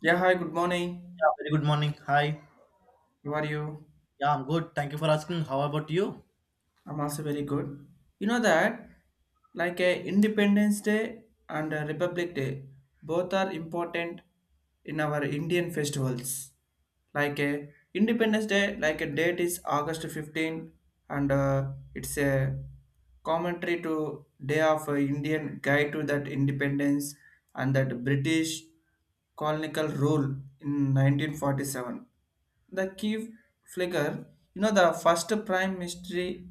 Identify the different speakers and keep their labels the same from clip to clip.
Speaker 1: Yeah, hi, good morning.
Speaker 2: Very good morning. Hi.
Speaker 1: How are you?
Speaker 2: Yeah, I'm good. Thank you for asking. How about you?
Speaker 1: I'm also very good. You know that, like a Independence Day and a Republic Day, both are important in our Indian festivals. Like a Independence Day, like a date is August 15, and it's a commentary to Day of Indian Guide to that Independence and that British colonial rule in 1947. The key figure, you know, the first prime ministry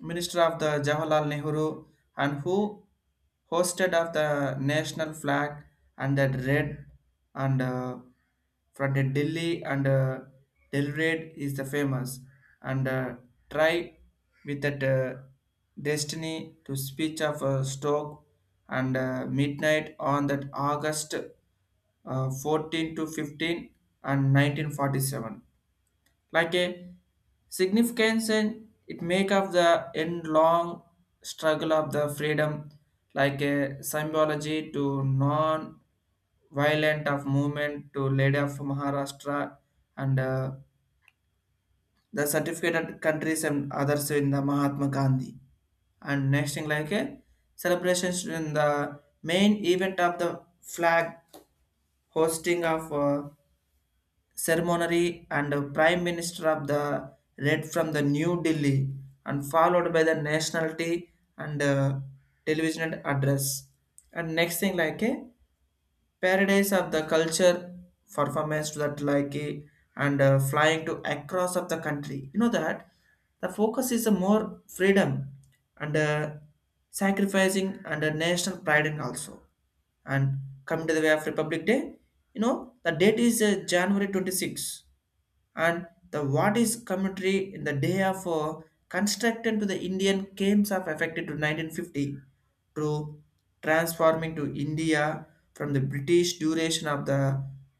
Speaker 1: minister of the Jawaharlal Nehru and who hosted of the national flag and that red and from the Delhi and Delhi red is the famous and try with that destiny to speech of Stoke and midnight on that August 14 to 15 and 1947 like a significance, and it make up the end long struggle of the freedom like a symbology to non violent of movement to leader of Maharashtra and the certificated countries and others in the Mahatma Gandhi. And next thing like a celebrations in the main event of the flag hosting of ceremony and the prime minister of the read from the New Delhi and followed by the nationality and television address. And next thing like a paradise of the culture performance to that and flying to across of the country, you know that the focus is a more freedom and sacrificing and a national pride in also. And coming to the way of Republic Day, you know the date is January 26, and the what is commentary in the day of constructed to the Indian games of affected to 1950 to transforming to India from the British duration of the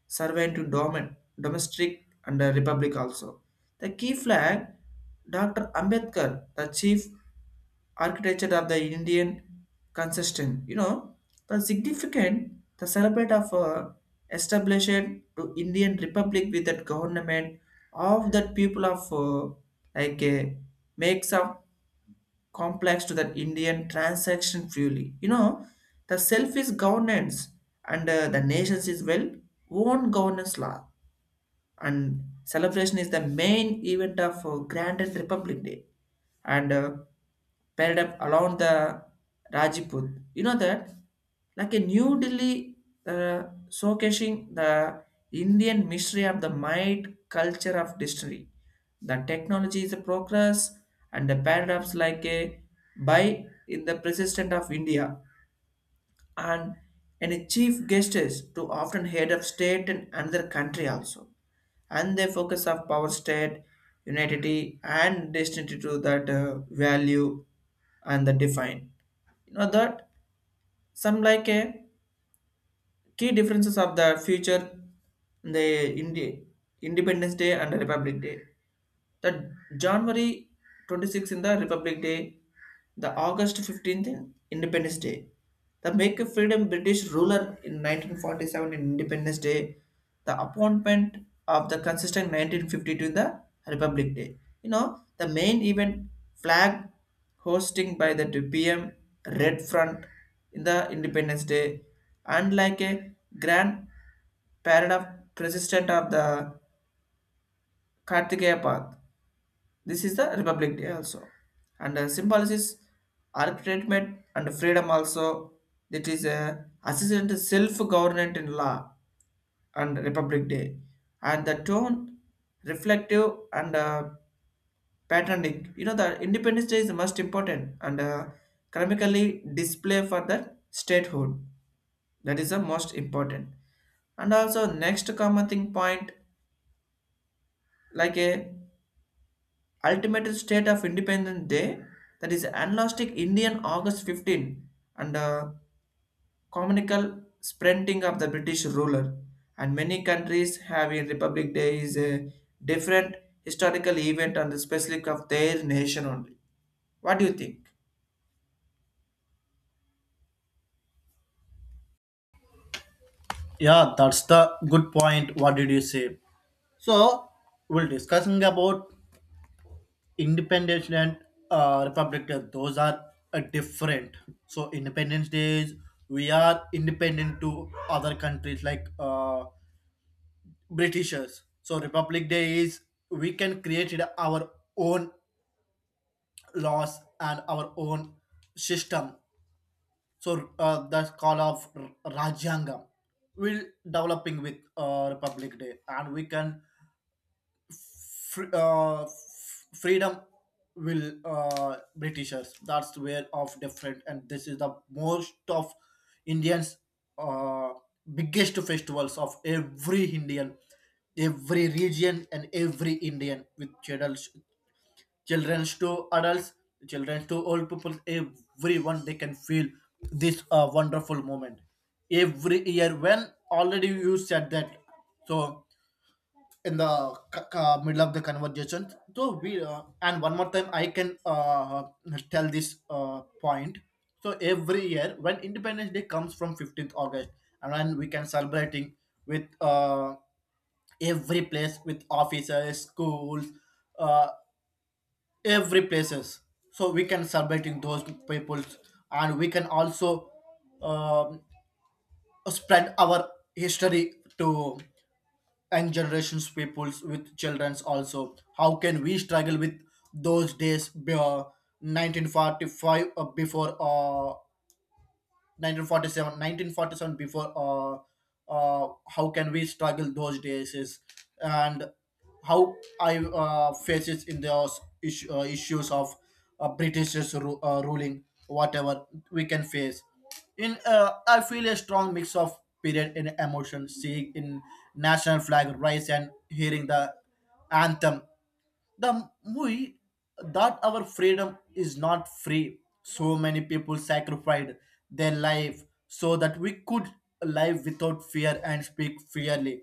Speaker 1: survey to domestic and the republic also. The key flag, Dr. Ambedkar, the chief architecture of the Indian consistent. You know, the significant, the celebrate of establishment to Indian Republic with that government of that people of like makes a complex to that Indian transaction fully. You know, the self is governance and the nations is well own governance law, and celebration is the main event of Grand Republic Day and paired up along the Rajput. You know that, like a New Delhi uh, showcasing the Indian mystery of the might culture of distillery. The technology is a progress, and the paradox like a buy in the persistent of India, and any chief guests to often head of state in another country also, and they focus of power state unity and destiny to that value and the define, you know that some like a key differences of the future the Independence Day and Republic Day. The January 26th in the Republic Day, the August 15th in Independence Day, the Make of Freedom British ruler in 1947 in Independence Day, the appointment of the consistent 1952 in the Republic Day. You know, the main event flag hosting by the 2 p.m. Red Front in the Independence Day, and like a grand parade of president of the Kartikeya Path. This is the Republic Day also. And the symbolism is arbitrament and freedom also. That is a assistant self-government in law and Republic Day. And the tone reflective and patterning. You know, the Independence Day is the most important and economically display for the statehood. That is the most important. And also next common thing point like a ultimate state of Independence Day, that is agnostic Indian August 15 and communal sprinting of the British ruler. And many countries have a Republic Day is a different historical event on the specific of their nation only. What do you think?
Speaker 2: Yeah, that's the good point. What did you say? So we're discussing about Independence Day and Republic Day. Those are different. So Independence Days, we are independent to other countries like Britishers. So Republic Day is we can create it our own laws and our own system. So that's call of Rajyangam. Will developing with Republic Day, and we can freedom will Britishers. That's where of different, and this is the most of Indians uh, biggest festivals of every Indian, every region and every Indian with Cheddar children to adults children to old people everyone they can feel this wonderful moment every year when already you said that. So in the middle of the conversation, so we and one more time I can tell this point. So every year when independence day comes from 15th august, and when we can celebrating with every place with officers schools, uh, every places, so we can celebrating those peoples, and we can also um, spread our history to and generations peoples with childrens also how can we struggle with those days 1945 before 1947 before how can we struggle those days is. And how I faces in those issues of british's ruling whatever we can face in I feel a strong mix of period and emotion seeing in national flag rise and hearing the anthem, the movie that our freedom is not free, so many people sacrificed their life so that we could live without fear and speak freely.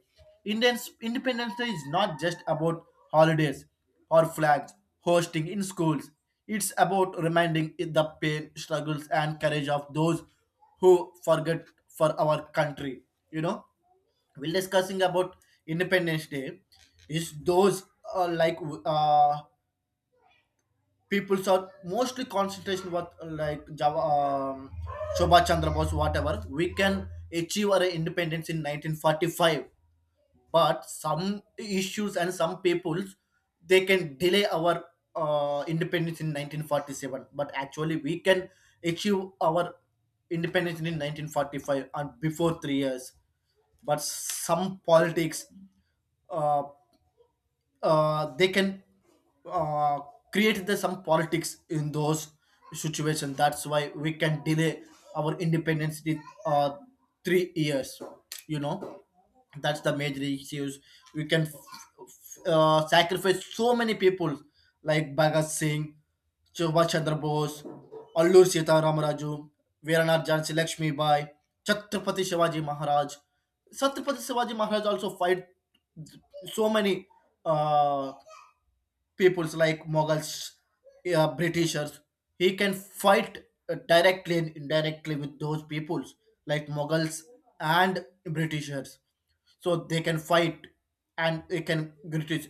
Speaker 2: Indians independence day is not just about holidays or flags hosting in schools. It's about reminding it the pain struggles and courage of those who forget for our country. You know, we'll discussing about independence day is those like uh, peoples are mostly concentration what like java Shobha Chandra Bose whatever we can achieve our independence in 1945, but some issues and some peoples they can delay our independence in 1947. But actually we can achieve our independence in 1945 and before 3 years. But some politics uh, they can uh, create the some politics in those situations. That's why we can delay our independence with uh, 3 years. You know, that's the major issues. We can sacrifice so many people like Bhagat Singh, Subhash Chandra Bose, Allur Sita Ramaraju, Veeranath Jhansi Lakshmi Bai, Chhatrapati Shivaji Maharaj. Chhatrapati Shivaji Maharaj also fight so many uh, peoples like Mughals, Britishers. He can fight directly and indirectly with those peoples like Mughals and Britishers. So they can fight and they can British.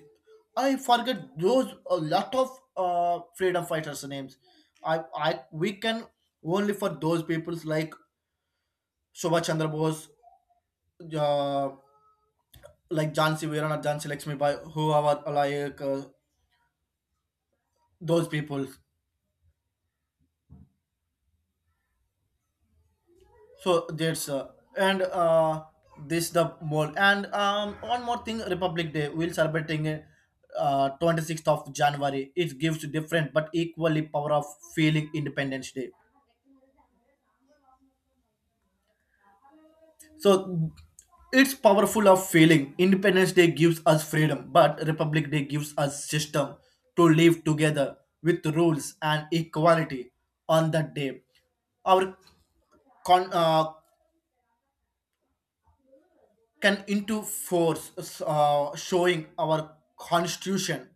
Speaker 2: I forget those a lot of freedom fighters' names. I We can only for those peoples like Subhash Chandra Bose, uh, like Jansi Veeran or Jansi Lakshmi Bai, who are like those people. So that's and this the more and one more thing Republic Day we'll celebrating it, 26th of January. It gives different but equally power of feeling Independence Day. So it's powerful of feeling. Independence Day gives us freedom, but Republic Day gives us system to live together with rules and equality on that day. Our con, uh, can into force showing our constitution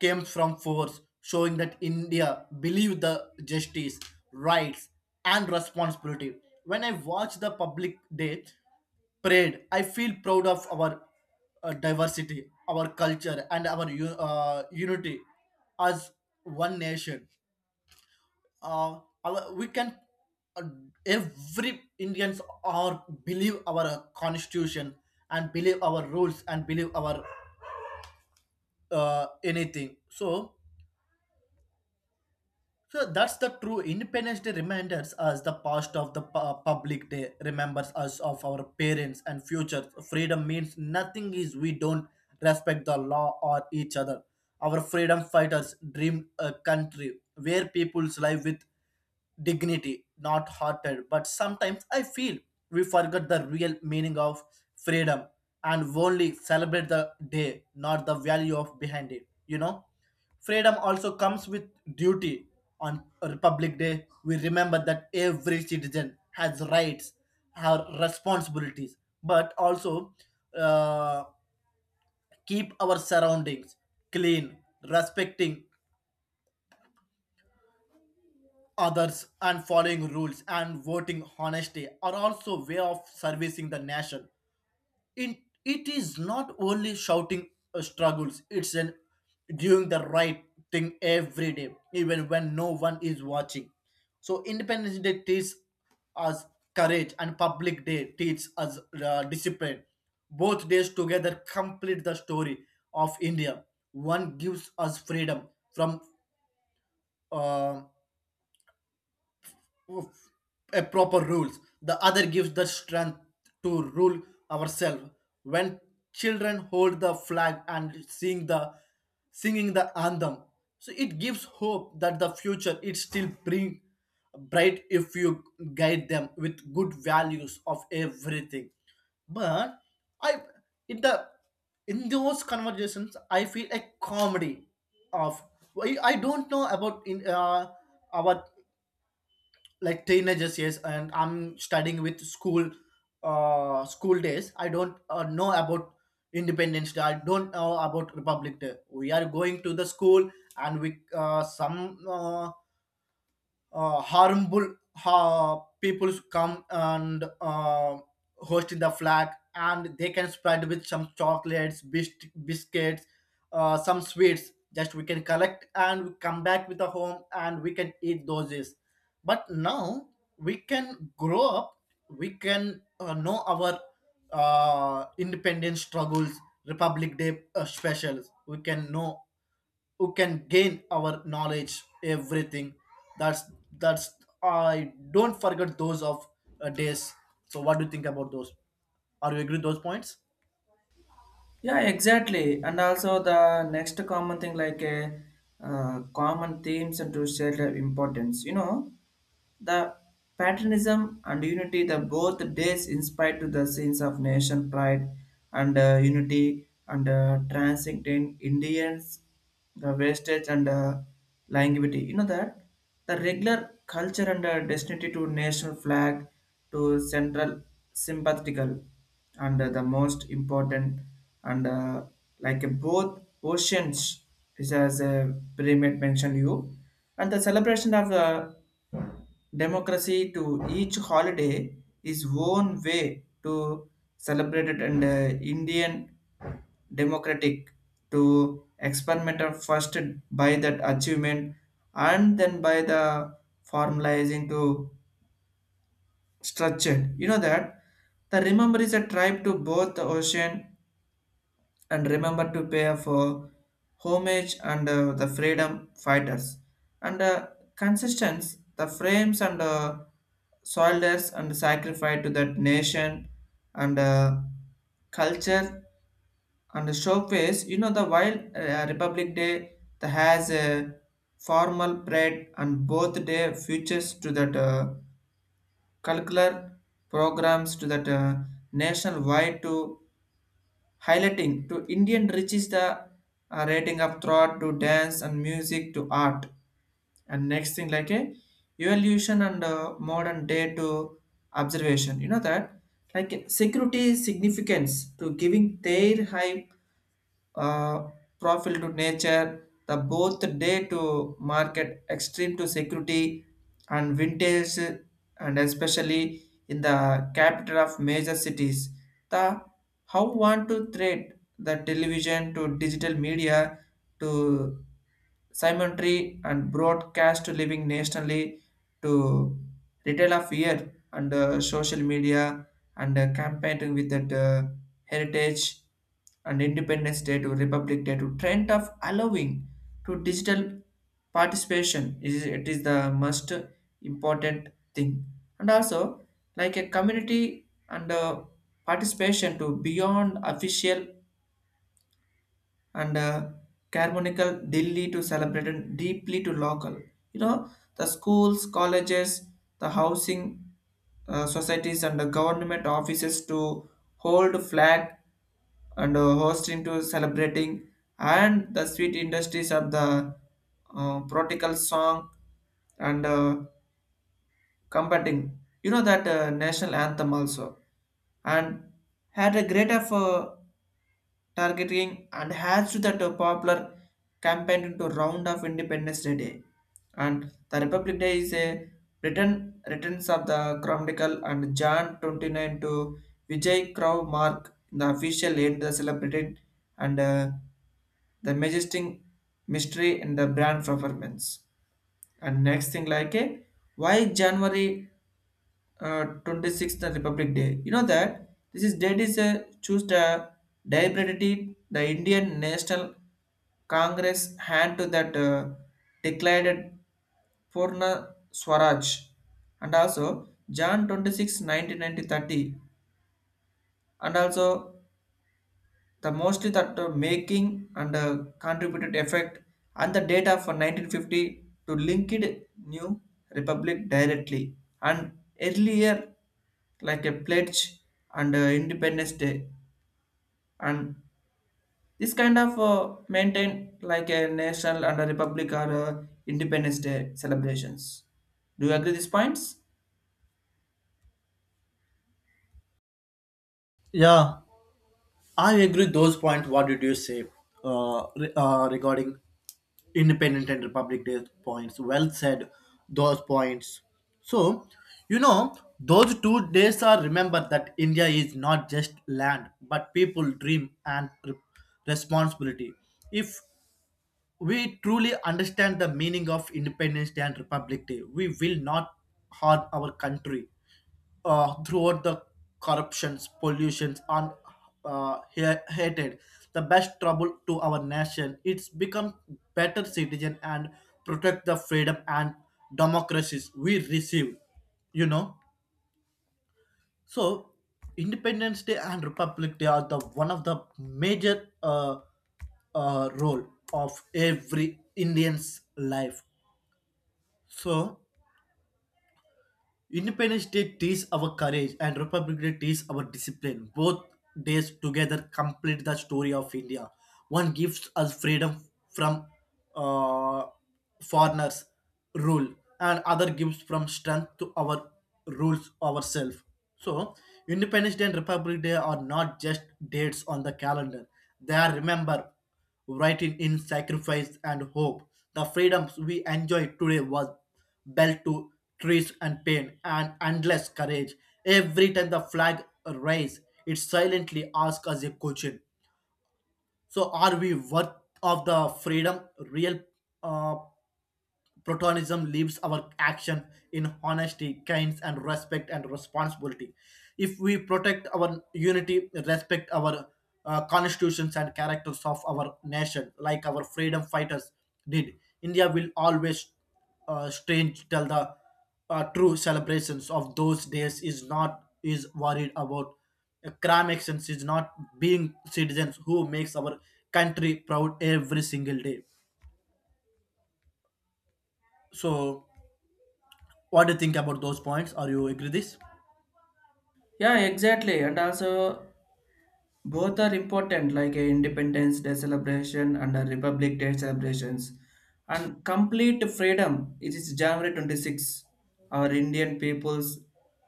Speaker 2: came from force showing that india believed the justice rights and responsibility. When I watch the public day parade, I feel proud of our diversity, our culture, and our unity as one nation. Our, we can uh, every Indians are believe our constitution and believe our rules and believe our anything. So, so that's the true Independence Day reminders us the past of the public day remembers us of our parents and future. Freedom means nothing is we don't respect the law or each other. Our freedom fighters dreamed a country where people's live with dignity, not harder. But sometimes I feel we forget the real meaning of freedom and only celebrate the day, not the value of behind it. You know, freedom also comes with duty. On Republic Day, we remember that every citizen has rights, her responsibilities, but also uh, keep our surroundings clean, respecting others and following rules and voting honesty are also way of servicing the nation. It, it is not only shouting struggles, it's an doing the right thing every day even when no one is watching. So independence day teaches us courage and public day teaches us discipline. Both days together complete the story of india. One gives us freedom from uh, a proper rules, the other gives the strength to rule ourselves. When children hold the flag and sing the singing the anthem, so it gives hope that the future it still bring bright if you guide them with good values of everything. But I in the in those conversations I feel a comedy of I don't know about in our like teenagers, yes, and I'm studying with school, school days I don't know about independence day. I don't know about republic day. We are going to the school and we some harmful people come and host in the flag and they can spread with some chocolates biscuits, some sweets, just we can collect and we come back with a home and we can eat those is. But now we can grow up. We can know our independence struggles. Republic day specials we can know who can gain our knowledge everything. that's that's I don't forget those of days. So what do you think about those? Are you agree those points?
Speaker 1: Yeah, exactly. And also the next common thing like a common themes and to share their importance. You know, the patriotism and unity the both days inspired to the scenes of nation pride and unity and transcending Indians, the wastage and longevity. You know that the regular culture and destiny to national flag to central sympathetical and the most important and like both oceans is as a pyramid mentioned you, and the celebration of the democracy to each holiday is one way to celebrate it, and Indian democratic to experimental first by that achievement and then by the formalizing to structure. You know that the remember is a tribe to both the ocean and remember to pay for homage and the freedom fighters and consistence the frames and soldiers and sacrifice to that nation and culture and showcase, you know the while Republic Day the has a formal parade, and both day features to that curricular programs to that national wide to highlighting to Indian riches the rating of thought to dance and music to art. And next thing like a evolution and modern day to observation. You know that like security significance to giving their high uh, profile to nature, the both day to market, extreme to security, and vintage, and especially in the capital of major cities. The how want to thread the television to digital media to simultaneity and broadcast to living nationally to retail of year and social media and campaigning with that heritage, and Independence Day to Republic Day to trend of allowing to digital participation, is it is the most important thing. And also like a community and participation to beyond official and Carbonical Delhi to celebrated deeply to local. You know, the schools, colleges, the housing societies, and the government offices to hold flag and hosting to celebrating, and the sweet industries of the protocol song and combating. You know that national anthem also, and had a great of. Targeting and adds to that popular campaign into round of Independence Day. And the Republic Day is a written returns of the Chronicle and January 29 to Vijay Crow mark the official end the celebrated and the majestic mystery in the brand performance. And next thing like a why January 26th the Republic Day. You know that this is date is a choose the deliberately the Indian National Congress hand to that declared Purna Swaraj and also Jan 26th nineteen ninety thirty, and also the mostly that making and contributed effect and the data for 1950 to link it new republic directly, and earlier like a pledge and Independence Day, and this kind of maintain like a national and a republic or Independence Day celebrations. Do you agree these points?
Speaker 2: Yeah, I agree those points. What did you say? Regarding independent and Republic Day points, well said those points. So you know those 2 days are remember that india is not just land but people dream and responsibility. If we truly understand the meaning of Independence Day and Republic Day, we will not harm our country throughout the corruptions, pollutions, and hatred. The best trouble to our nation. It's become better citizen and protect the freedom and democracies we receive. You know. So, Independence Day and Republic Day are the one of the major role of every Indian's life. So, Independence Day teaches our courage and Republic Day teaches our discipline. Both days together complete the story of India. One gives us freedom from uh, foreigners' rule, and other gives from strength to our rules ourselves. So, Independence Day and Republic Day are not just dates on the calendar; they are remember writing in sacrifice and hope. The freedoms we enjoy today was built to trees and pain and endless courage. Every time the flag rises, it silently asks us a question. So are we worth of the freedom real uh, Platonism leaves our action in honesty, kindness, and respect and responsibility. If we protect our unity, respect our constitutions and characters of our nation, like our freedom fighters did, India will always strange till the true celebrations of those days is not is worried about crime actions is not being citizens who makes our country proud every single day. So what do you think about those points? Are you agree this?
Speaker 1: Yeah, exactly. And also both are important like a Independence Day celebration and a Republic Day celebrations, and complete freedom it is January 26 our Indian peoples,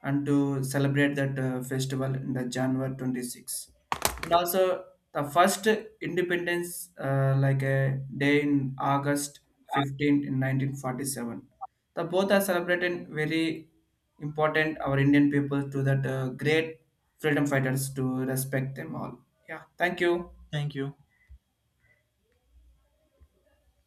Speaker 1: and to celebrate that festival in the January 26, and also the first independence like a day in August 15 in 1947, the both are celebrated very important our Indian people to that great freedom fighters to respect them all. Yeah, thank you.
Speaker 2: Thank you.